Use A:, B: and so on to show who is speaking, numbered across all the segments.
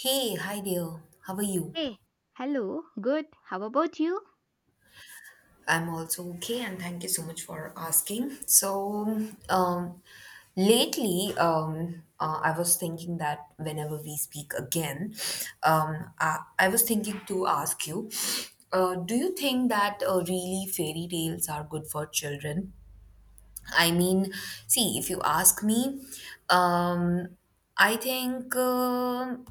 A: Hey, hi there. How are you?
B: Hey, hello, good. How about you?
A: I'm also okay, and thank you so much for asking. Lately, I was thinking that whenever we speak again, I was thinking to ask you, do you think that really fairy tales are good for children? I mean, see, if you ask me, um, I think.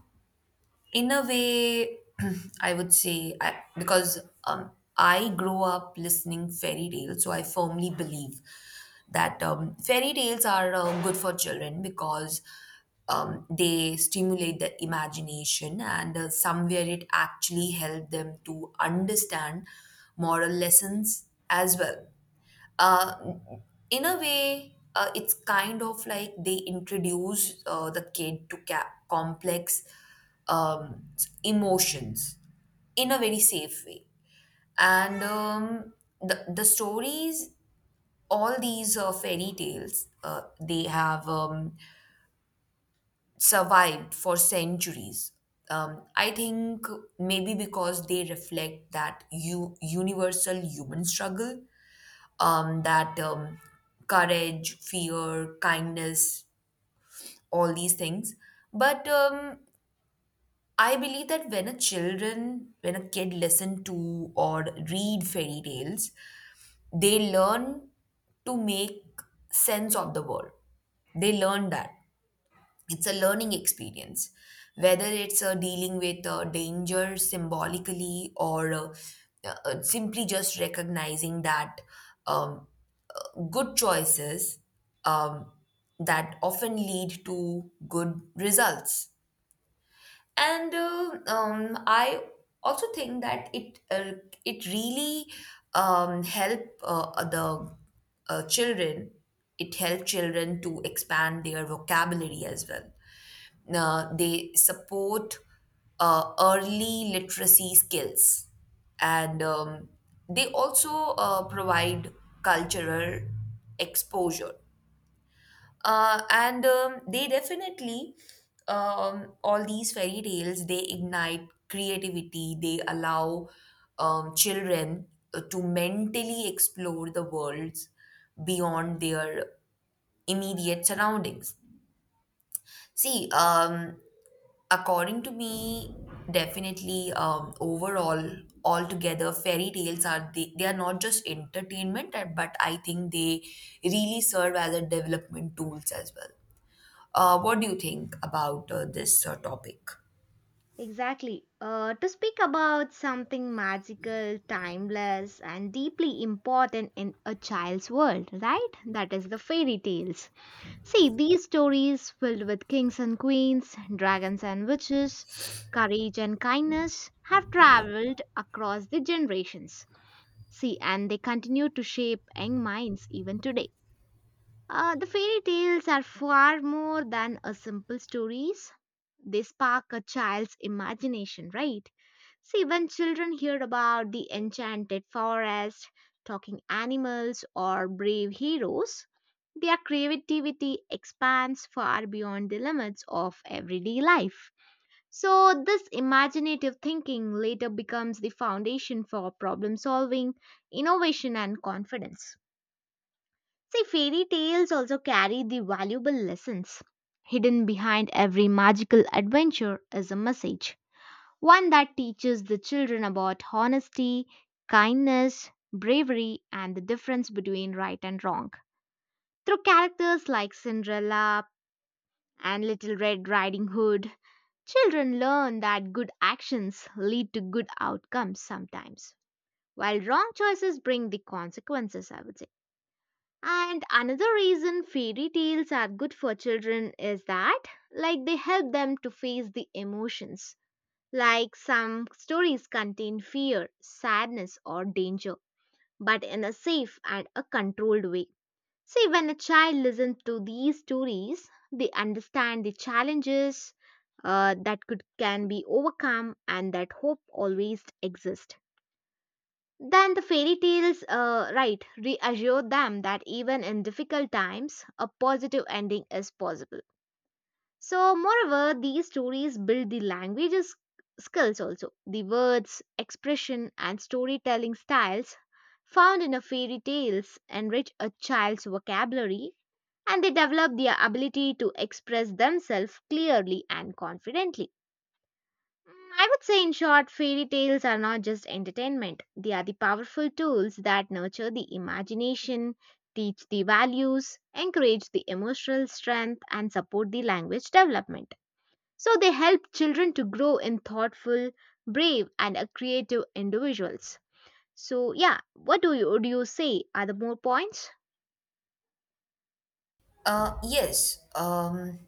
A: In a way I would say I, because um, I grow up listening fairy tales, so I firmly believe that fairy tales are good for children because they stimulate the imagination, and somewhere it actually helped them to understand moral lessons as well. uh, in a way, it's kind of like they introduce the kid to complex um, emotions in a very safe way. And the stories, all these fairy tales, they have survived for centuries. I think maybe because they reflect that universal human struggle, that courage, fear, kindness, all these things. But I believe that when a children, when a kid listen to or read fairy tales, they learn to make sense of the world. They learn that it's a learning experience, whether it's dealing with danger symbolically, or simply just recognizing that um, good choices um, that often lead to good results. And I also think that it it really help the children, it help children to expand their vocabulary as well. They support early literacy skills, and they also provide cultural exposure, and they definitely all these fairy tales, they ignite creativity, they allow children to mentally explore the worlds beyond their immediate surroundings. See According to me, definitely, overall, altogether, fairy tales, they are not just entertainment, but I think they really serve as a development tools as well. What do you think about this topic?
B: Exactly. To speak about something magical, timeless, and deeply important in a child's world, right? That is the fairy tales. See, these stories filled with kings and queens, dragons and witches, courage and kindness have traveled across the generations. See, and they continue to shape young minds even today. The fairy tales are far more than a simple stories. They spark a child's imagination, right? See, when children hear about the enchanted forest, talking animals, or brave heroes, their creativity expands far beyond the limits of everyday life. So, this imaginative thinking later becomes the foundation for problem solving, innovation, and confidence. See, fairy tales also carry the valuable lessons. Hidden behind every magical adventure is a message, one that teaches the children about honesty, kindness, bravery, and the difference between right and wrong. Through characters like Cinderella and Little Red Riding Hood, children learn that good actions lead to good outcomes sometimes, while wrong choices bring the consequences, I would say. And another reason fairy tales are good for children is that, like, they help them to face the emotions. Like, some stories contain fear, sadness, or danger, but in a safe and a controlled way. See, when a child listens to these stories, they understand the challenges that could can be overcome and that hope always exists. Then the fairy tales, right, reassure them that even in difficult times, a positive ending is possible. So, moreover, these stories build the languages skills also. The words, expression, and storytelling styles found in a fairy tales enrich a child's vocabulary and they develop their ability to express themselves clearly and confidently. Mm, I would say, in short, fairy tales are not just entertainment. They are the powerful tools that nurture the imagination, teach the values, encourage the emotional strength, and support the language development. So, they help children to grow in thoughtful, brave, and creative individuals. So, yeah, what do you, would you say? Are there more points?
A: Yes. Um,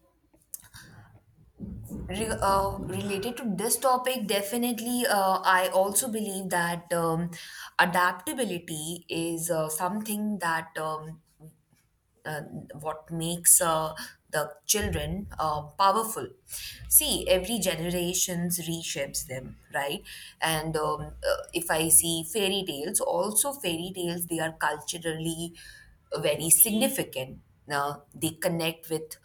A: re- uh, Related to this topic, definitely, I also believe that adaptability is something that uh, what makes the children powerful. See, every generations reshapes them, right? And if I see fairy tales, also fairy tales, they are culturally very significant. Now they connect with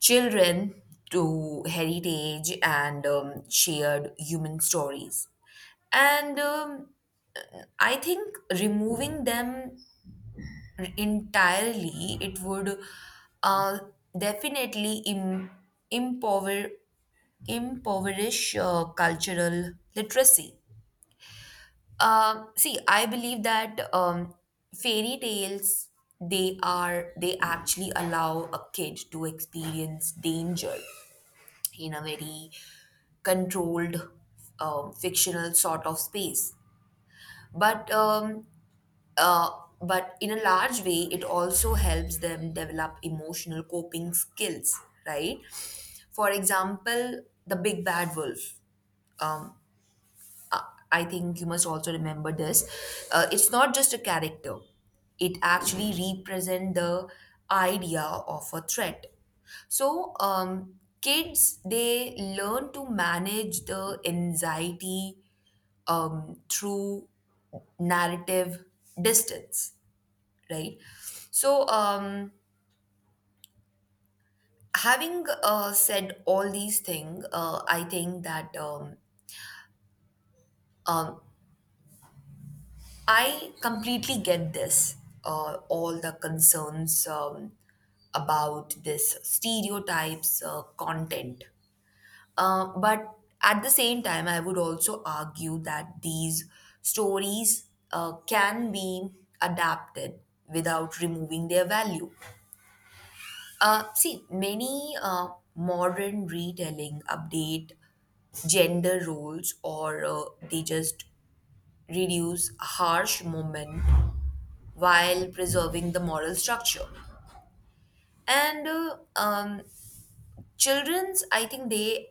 A: children to heritage and shared human stories. And I think removing them entirely, it would uh, definitely impover- impoverish cultural literacy. See, I believe that fairy tales they actually allow a kid to experience danger in a very controlled fictional sort of space. But um, Uh, but in a large way, it also helps them develop emotional coping skills, right? For example, the big bad wolf. Um, I I think you must also remember this. It's not just a character, it actually represents the idea of a threat. So, kids, they learn to manage the anxiety through narrative distance, right? So, having said all these things, I think that um, I completely get this, all the concerns about this stereotypes content. But at the same time, I would also argue that these stories can be adapted without removing their value. See, many modern retelling update gender roles, or they just reduce harsh moment while preserving the moral structure. And children's, I think they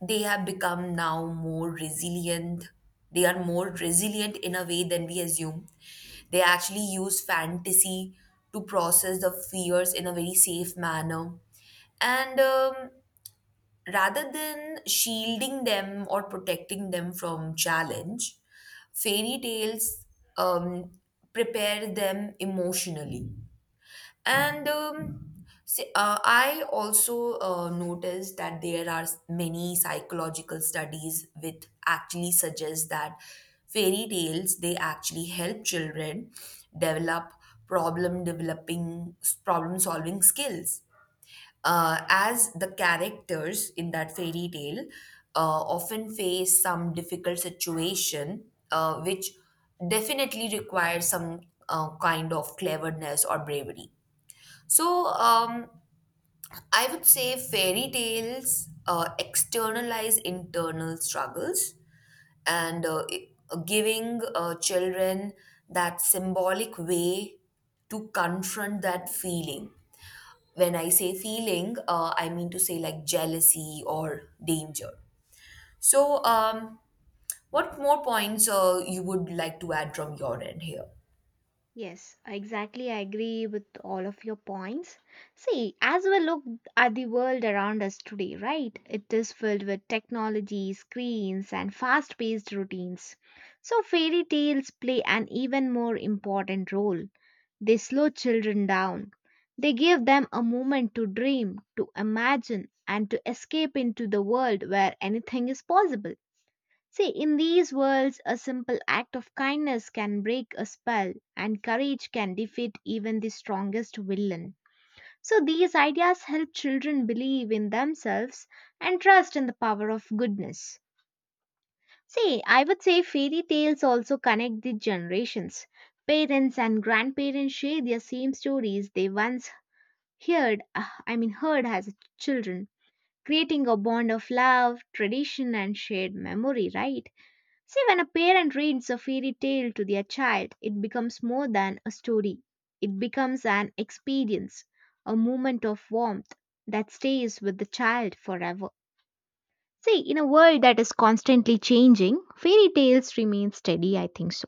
A: they have become now more resilient. They are more resilient in a way than we assume. They actually use fantasy to process the fears in a very safe manner, and rather than shielding them or protecting them from challenge, fairy tales um, prepare them emotionally. And I also noticed that there are many psychological studies which actually suggest that fairy tales they actually help children develop problem developing problem solving skills, as the characters in that fairy tale often face some difficult situation, which definitely requires some kind of cleverness or bravery. So, I would say fairy tales externalize internal struggles, and giving children that symbolic way to confront that feeling. When I say feeling, I mean to say like jealousy or danger. So, what more points you would like to add from your end here?
B: Yes, exactly. I agree with all of your points. See, as we look at the world around us today, right, it is filled with technology, screens, and fast paced routines. So, fairy tales play an even more important role. They slow children down, they give them a moment to dream, to imagine, and to escape into the world where anything is possible. See, in these worlds, a simple act of kindness can break a spell, and courage can defeat even the strongest villain. So, these ideas help children believe in themselves and trust in the power of goodness. See, I would say fairy tales also connect the generations. Parents and grandparents share their same stories they once heard as children, creating a bond of love, tradition, and shared memory, right? See, when a parent reads a fairy tale to their child, it becomes more than a story. It becomes an experience, a moment of warmth that stays with the child forever. See, in a world that is constantly changing, fairy tales remain steady, I think so.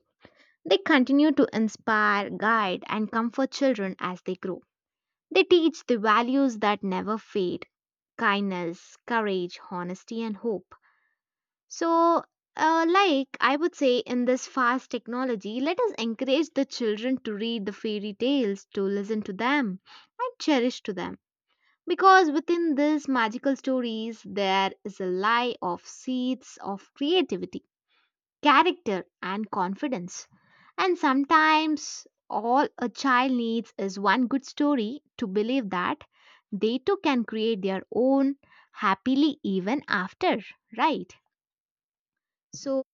B: They continue to inspire, guide, and comfort children as they grow. They teach the values that never fade kindness, courage, honesty, and hope. So, like I would say, in this fast technology, let us encourage the children to read the fairy tales, to listen to them, and cherish to them. Because within these magical stories, there is a lie of seeds of creativity, character, and confidence. And sometimes, all a child needs is one good story to believe that they too can create their own happily even after, right? So,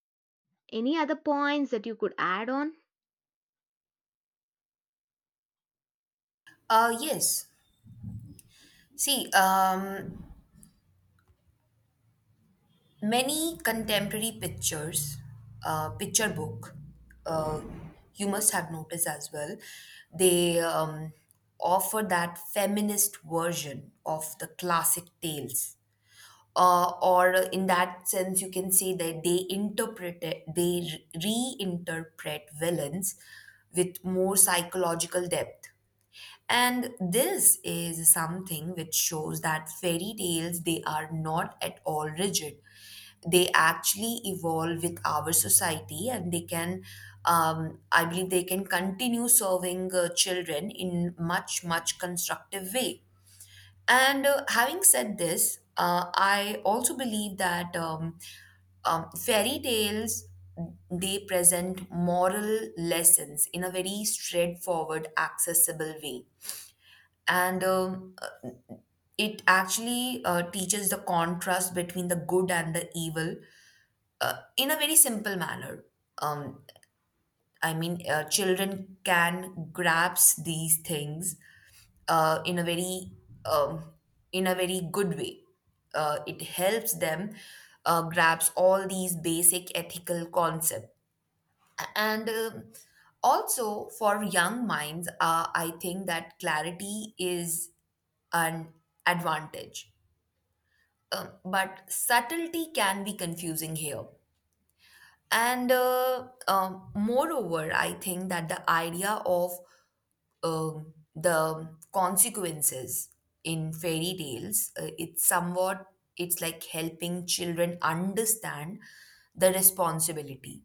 B: any other points that you could add on?
A: Yes. See, many contemporary pictures, picture book, uh, you must have noticed as well, they offer that feminist version of the classic tales, or in that sense you can say that they interpret it, they reinterpret villains with more psychological depth. And this is something which shows that fairy tales, they are not at all rigid. They actually evolve with our society, and they can I believe they can continue serving children in much much constructive way. And having said this, I also believe that fairy tales they present moral lessons in a very straightforward, accessible way, and it actually teaches the contrast between the good and the evil in a very simple manner. Um, I mean, children can grasp these things uh, in a very um, in a very good way. It helps them grasp all these basic ethical concepts. And also for young minds, I think that clarity is an advantage. But subtlety can be confusing here. And moreover, I think that the idea of the consequences in fairy tales, it's somewhat it's like helping children understand the responsibility.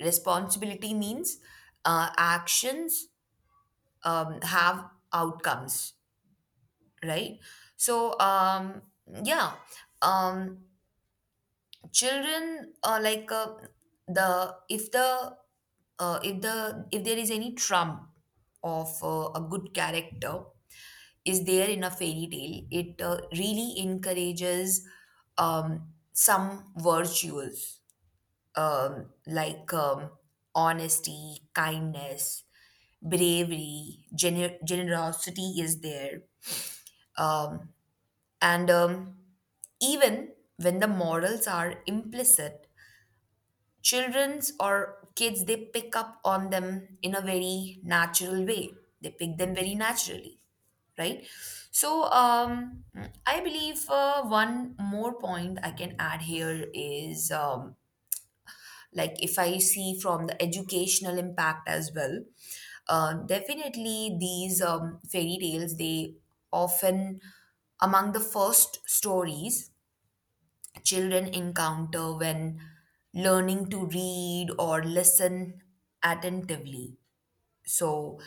A: Responsibility means actions have outcomes, right? So, yeah um, children like the if the if the if there is any trump of a good character is there in a fairy tale, it really encourages some virtues like honesty, kindness, bravery, generosity is there. Um, and even when the morals are implicit, children's or kids, they pick up on them in a very natural way, they pick them very naturally, right? So, I believe one more point I can add here is, like if I see from the educational impact as well, definitely these fairy tales they often among the first stories children encounter when learning to read or listen attentively. So,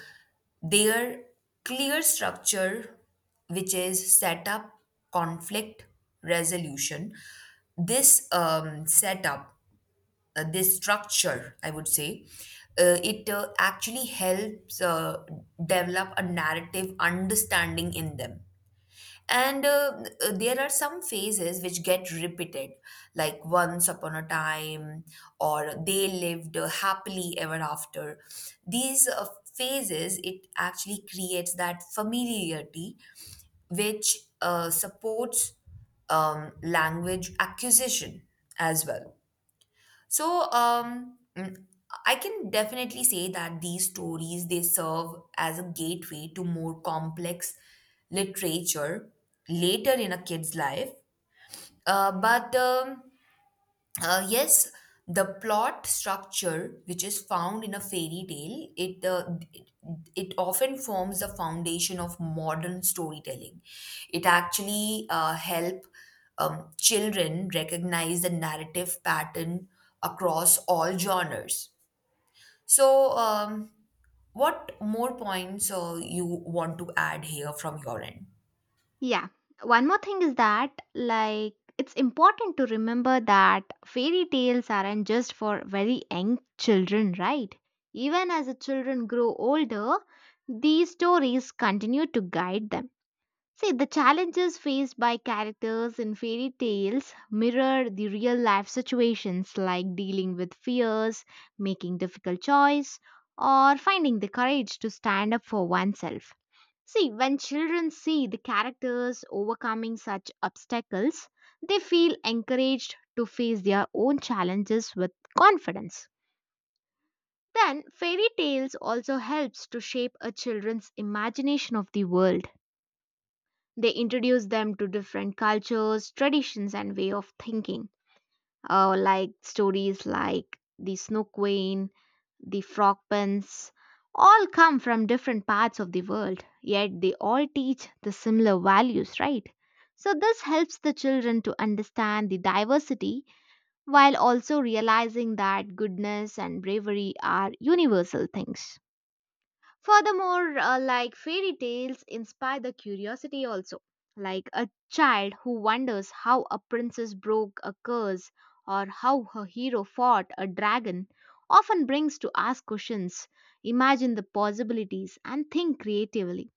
A: their clear structure, which is setup, conflict, resolution, this this structure, I would say, it actually helps develop a narrative understanding in them. And there are some phases which get repeated, like once upon a time, or they lived happily ever after. These phases, it actually creates that familiarity which supports language acquisition as well. So, I can definitely say that these stories they serve as a gateway to more complex literature later in a kid's life. But yes, the plot structure which is found in a fairy tale, it it often forms the foundation of modern storytelling. It actually help children recognize the narrative pattern across all genres. So, what more points you want to add here from your end?
B: Yeah. One more thing is that, like, it's important to remember that fairy tales aren't just for very young children, right? Even as the children grow older, these stories continue to guide them. See, the challenges faced by characters in fairy tales mirror the real life situations like dealing with fears, making difficult choice, or finding the courage to stand up for oneself. See, when children see the characters overcoming such obstacles, they feel encouraged to face their own challenges with confidence. Then, fairy tales also helps to shape a children's imagination of the world. They introduce them to different cultures, traditions, and way of thinking. Like stories like the Snow Queen, the frog pens, all come from different parts of the world, yet they all teach the similar values, right? So, this helps the children to understand the diversity while also realizing that goodness and bravery are universal things. Furthermore, like fairy tales inspire the curiosity also, like a child who wonders how a princess broke a curse or how her hero fought a dragon often brings to ask questions, imagine the possibilities and think creatively.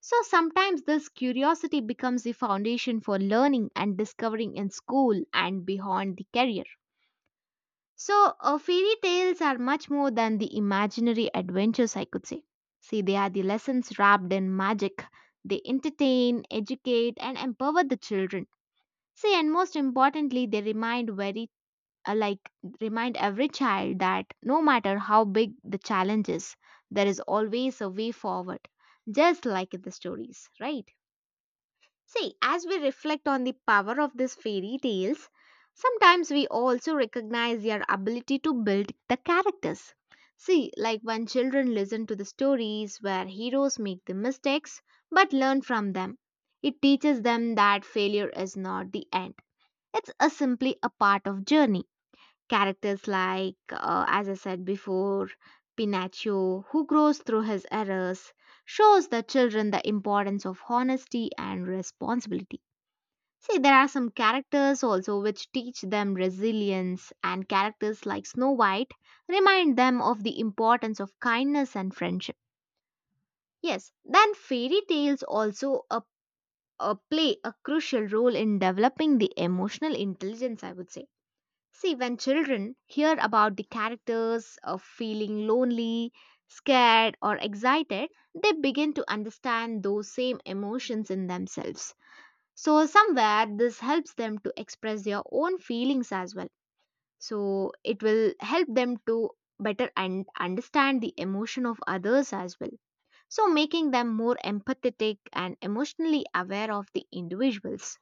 B: So sometimes this curiosity becomes the foundation for learning and discovering in school and beyond the career. So, fairy tales are much more than the imaginary adventures, I could say. See, they are the lessons wrapped in magic. They entertain, educate, and empower the children. See, and most importantly, they remind very like remind every child that no matter how big the challenge is, there is always a way forward. Just like in the stories, right? See, as we reflect on the power of these fairy tales, sometimes we also recognize their ability to build the characters. See, like when children listen to the stories where heroes make the mistakes but learn from them, it teaches them that failure is not the end. It's a simply a part of journey. Characters like, as I said before, Pinocchio, who grows through his errors, shows the children the importance of honesty and responsibility. See, there are some characters also which teach them resilience, and characters like Snow White remind them of the importance of kindness and friendship. Yes, then fairy tales also a play a crucial role in developing the emotional intelligence, I would say. See, when children hear about the characters of feeling lonely, scared, or excited, they begin to understand those same emotions in themselves. So, somewhere this helps them to express their own feelings as well. So, it will help them to better and understand the emotion of others as well. So, making them more empathetic and emotionally aware of the individuals.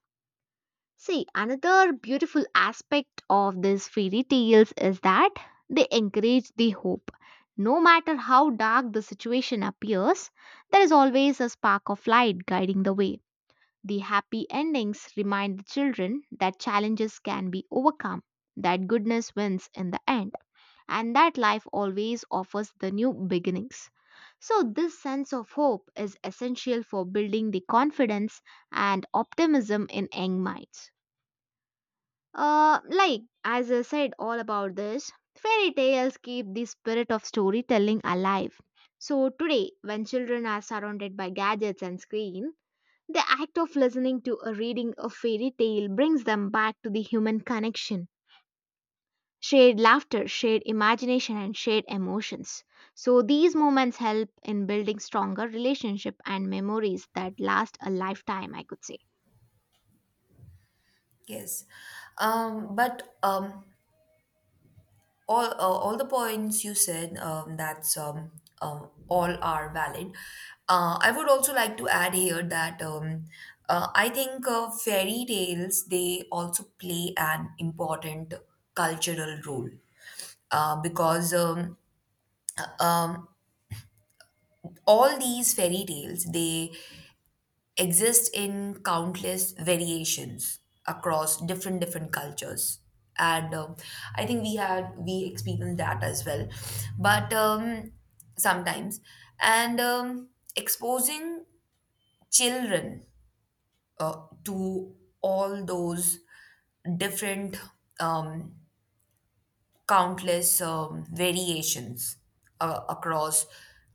B: See, another beautiful aspect of these fairy tales is that they encourage the hope. No matter how dark the situation appears, there is always a spark of light guiding the way. The happy endings remind the children that challenges can be overcome, that goodness wins in the end, and that life always offers the new beginnings. So, this sense of hope is essential for building the confidence and optimism in young minds. Like, as I said all about this, fairy tales keep the spirit of storytelling alive. So, today, when children are surrounded by gadgets and screen, the act of listening to or reading a fairy tale brings them back to the human connection, shared laughter, shared imagination, and shared emotions. So, these moments help in building stronger relationship and memories that last a lifetime, I could say.
A: Yes, but all the points you said, that's all are valid. I would also like to add here that I think fairy tales, they also play an important cultural role, because all these fairy tales they exist in countless variations across different different cultures, and I think we experienced that as well. But um, sometimes and um, exposing children uh, to all those different um, countless variations across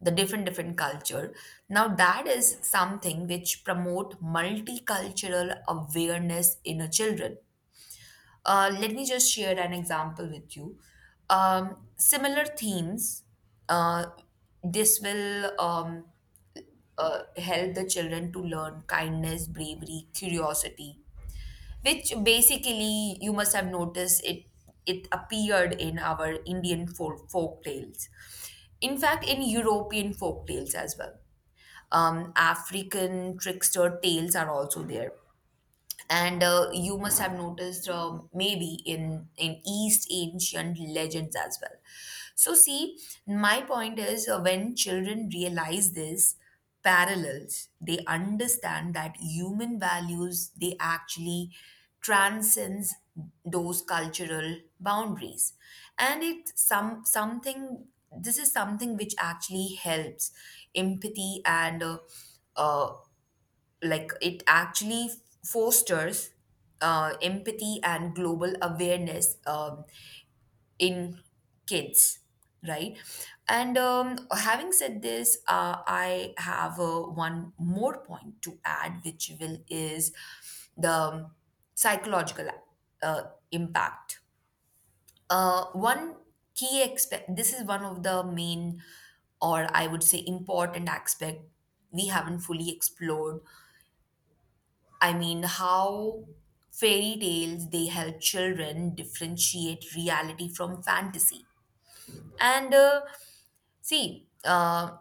A: the different different culture, now that is something which promote multicultural awareness in a children. Let me just share an example with you. Similar themes, uh, this will help the children to learn kindness, bravery, curiosity, which basically you must have noticed it. It appeared in our Indian folk tales. In fact, in European folk tales as well. African trickster tales are also there, and you must have noticed, maybe in east ancient legends as well. So see, my point is, when children realize this parallels, they understand that human values they actually transcends those cultural boundaries, and it's some something this is something which actually helps empathy, and uh, like it actually fosters empathy and global awareness in kids, right? And having said this, I have one more point to add, which will is the psychological uh, impact. One key aspect, this is one of the main, or I would say important aspect, we haven't fully explored. I mean, how fairy tales they help children differentiate reality from fantasy. And see,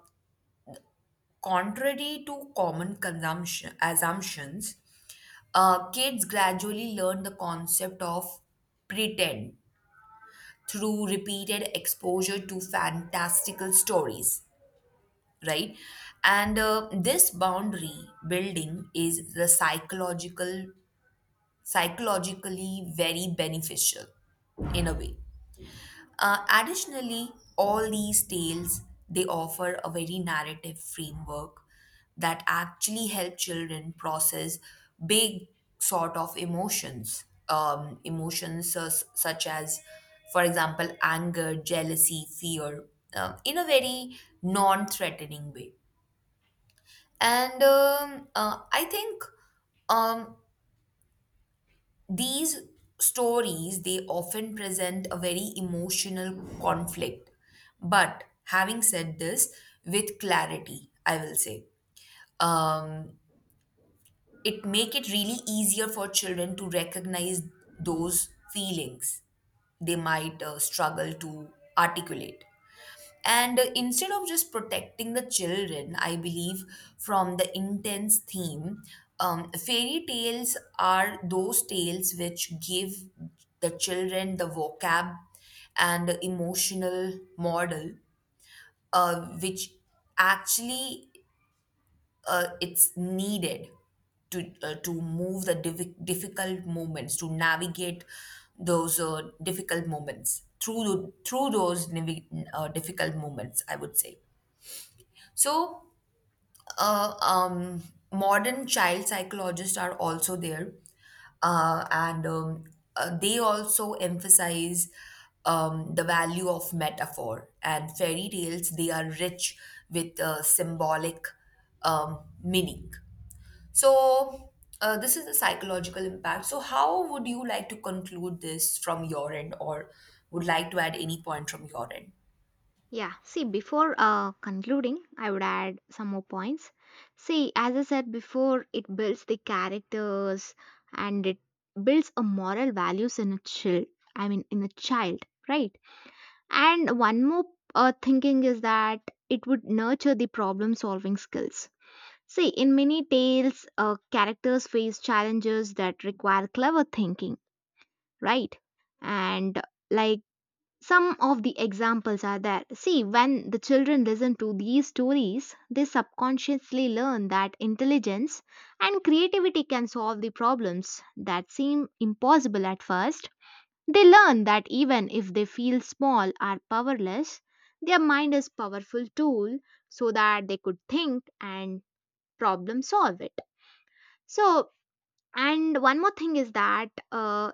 A: contrary to common consumption assumptions, kids gradually learn the concept of pretend through repeated exposure to fantastical stories, right? And this boundary building is the psychologically very beneficial in a way. Additionally, all these tales they offer a very narrative framework that actually help children process big sort of emotions, emotions such as, for example, anger, jealousy, fear, in a very non-threatening way. And I think um, these stories, they often present a very emotional conflict, but having said this, with clarity, I will say, um, it make it really easier for children to recognize those feelings they might struggle to articulate. And instead of just protecting the children, I believe, from the intense theme, fairy tales are those tales which give the children the vocab and the emotional model, which actually it's needed to move the difficult moments, to navigate those difficult moments through those difficult moments, I would say. So, uh, um, modern child psychologists are also there, and they also emphasize the value of metaphor, and fairy tales, they are rich with symbolic meaning. So, this is the psychological impact. So, how would you like to conclude this from your end, or would like to add any point from your end?
B: Yeah, see, before concluding, I would add some more points. See, as I said before, it builds the characters and it builds a moral values in a child. I mean, in a child, right? And one more thinking is that it would nurture the problem solving skills. See, in many tales, characters face challenges that require clever thinking, right? And like some of the examples are there. See, when the children listen to these stories, they subconsciously learn that intelligence and creativity can solve the problems that seem impossible at first. They learn that even if they feel small or powerless, their mind is powerful tool so that they could think and problem solve it. So, and one more thing is that uh,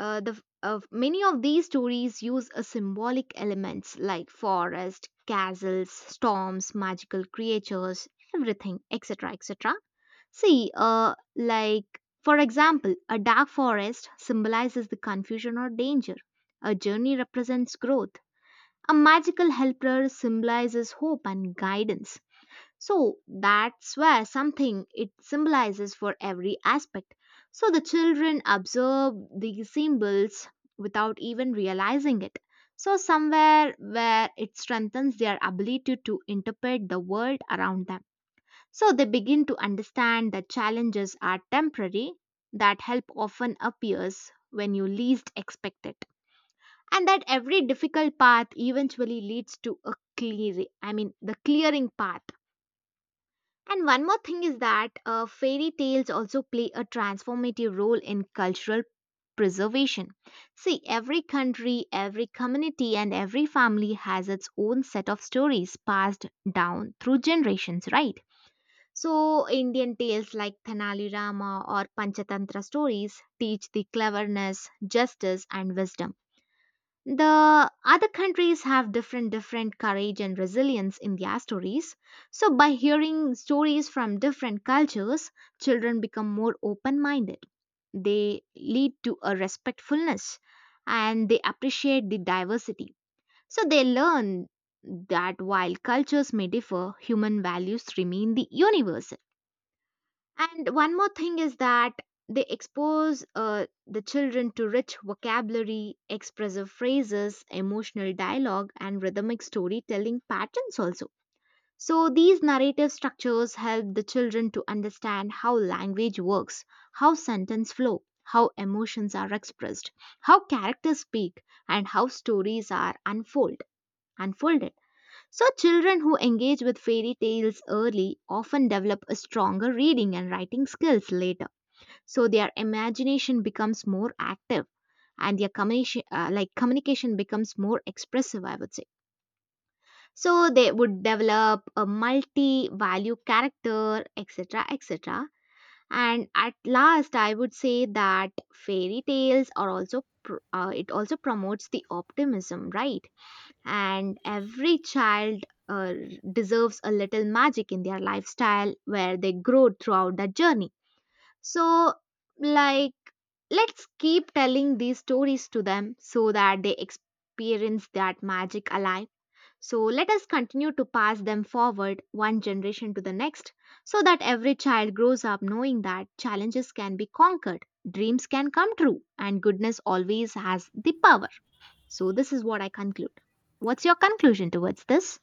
B: uh, the, uh, many of these stories use a symbolic elements like forest, castles, storms, magical creatures, everything, etc., etc. See, like for example, a dark forest symbolizes the confusion or danger. A journey represents growth. A magical helper symbolizes hope and guidance. So that's where something it symbolizes for every aspect. So the children observe these symbols without even realizing it. So somewhere where it strengthens their ability to interpret the world around them. So they begin to understand that challenges are temporary, that help often appears when you least expect it. And that every difficult path eventually leads to a clear I mean the clearing path and one more thing is that fairy tales also play a transformative role in cultural preservation. See, every country, every community, and every family has its own set of stories passed down through generations, right? So, Indian tales like Thanali Rama or Panchatantra stories teach the cleverness, justice, and wisdom the other countries have different different courage and resilience in their stories so by hearing stories from different cultures children become more open minded they lead to a respectfulness and they appreciate the diversity so they learn that while cultures may differ human values remain the universal and one more thing is that they expose the children to rich vocabulary, expressive phrases, emotional dialogue, and rhythmic storytelling patterns also. So, these narrative structures help the children to understand how language works, how sentence flow, how emotions are expressed, how characters speak, and how stories are unfolded. So, children who engage with fairy tales early often develop a stronger reading and writing skills later. So, their imagination becomes more active and their communication becomes more expressive I would say so they would develop a multi value character etc etc and at last I would say that fairy tales are also pr- it also promotes the optimism right and every child deserves a little magic in their lifestyle where they grow throughout the journey so like let's keep telling these stories to them so that they experience that magic alive so let us continue to pass them forward one generation to the next so that every child grows up knowing that challenges can be conquered dreams can come true and goodness always has the power so, this is what I conclude. What's your conclusion towards this?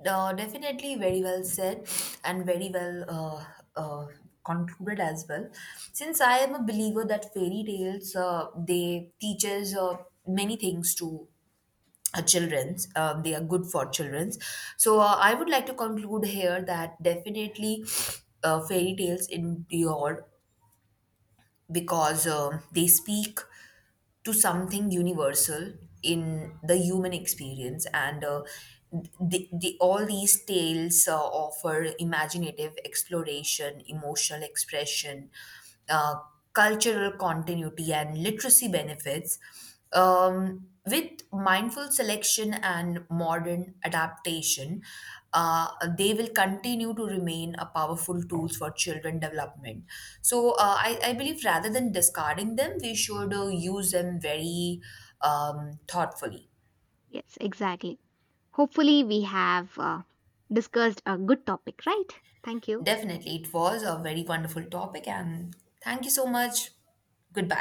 A: No, definitely very well said, and very well uh, concluded as well. Since I am a believer that fairy tales they teaches many things to childrens. They are good for childrens. So I would like to conclude here that definitely fairy tales endure because they speak to something universal in the human experience, and all these tales offer imaginative exploration, emotional expression, uh, cultural continuity, and literacy benefits. With mindful selection and modern adaptation, uh, they will continue to remain a powerful tools for children development. So I believe rather than discarding them, we should use them very thoughtfully.
B: Yes, exactly. Hopefully, we have discussed a good topic, right? Thank you.
A: Definitely, it was a very wonderful topic, and thank you so much. Goodbye.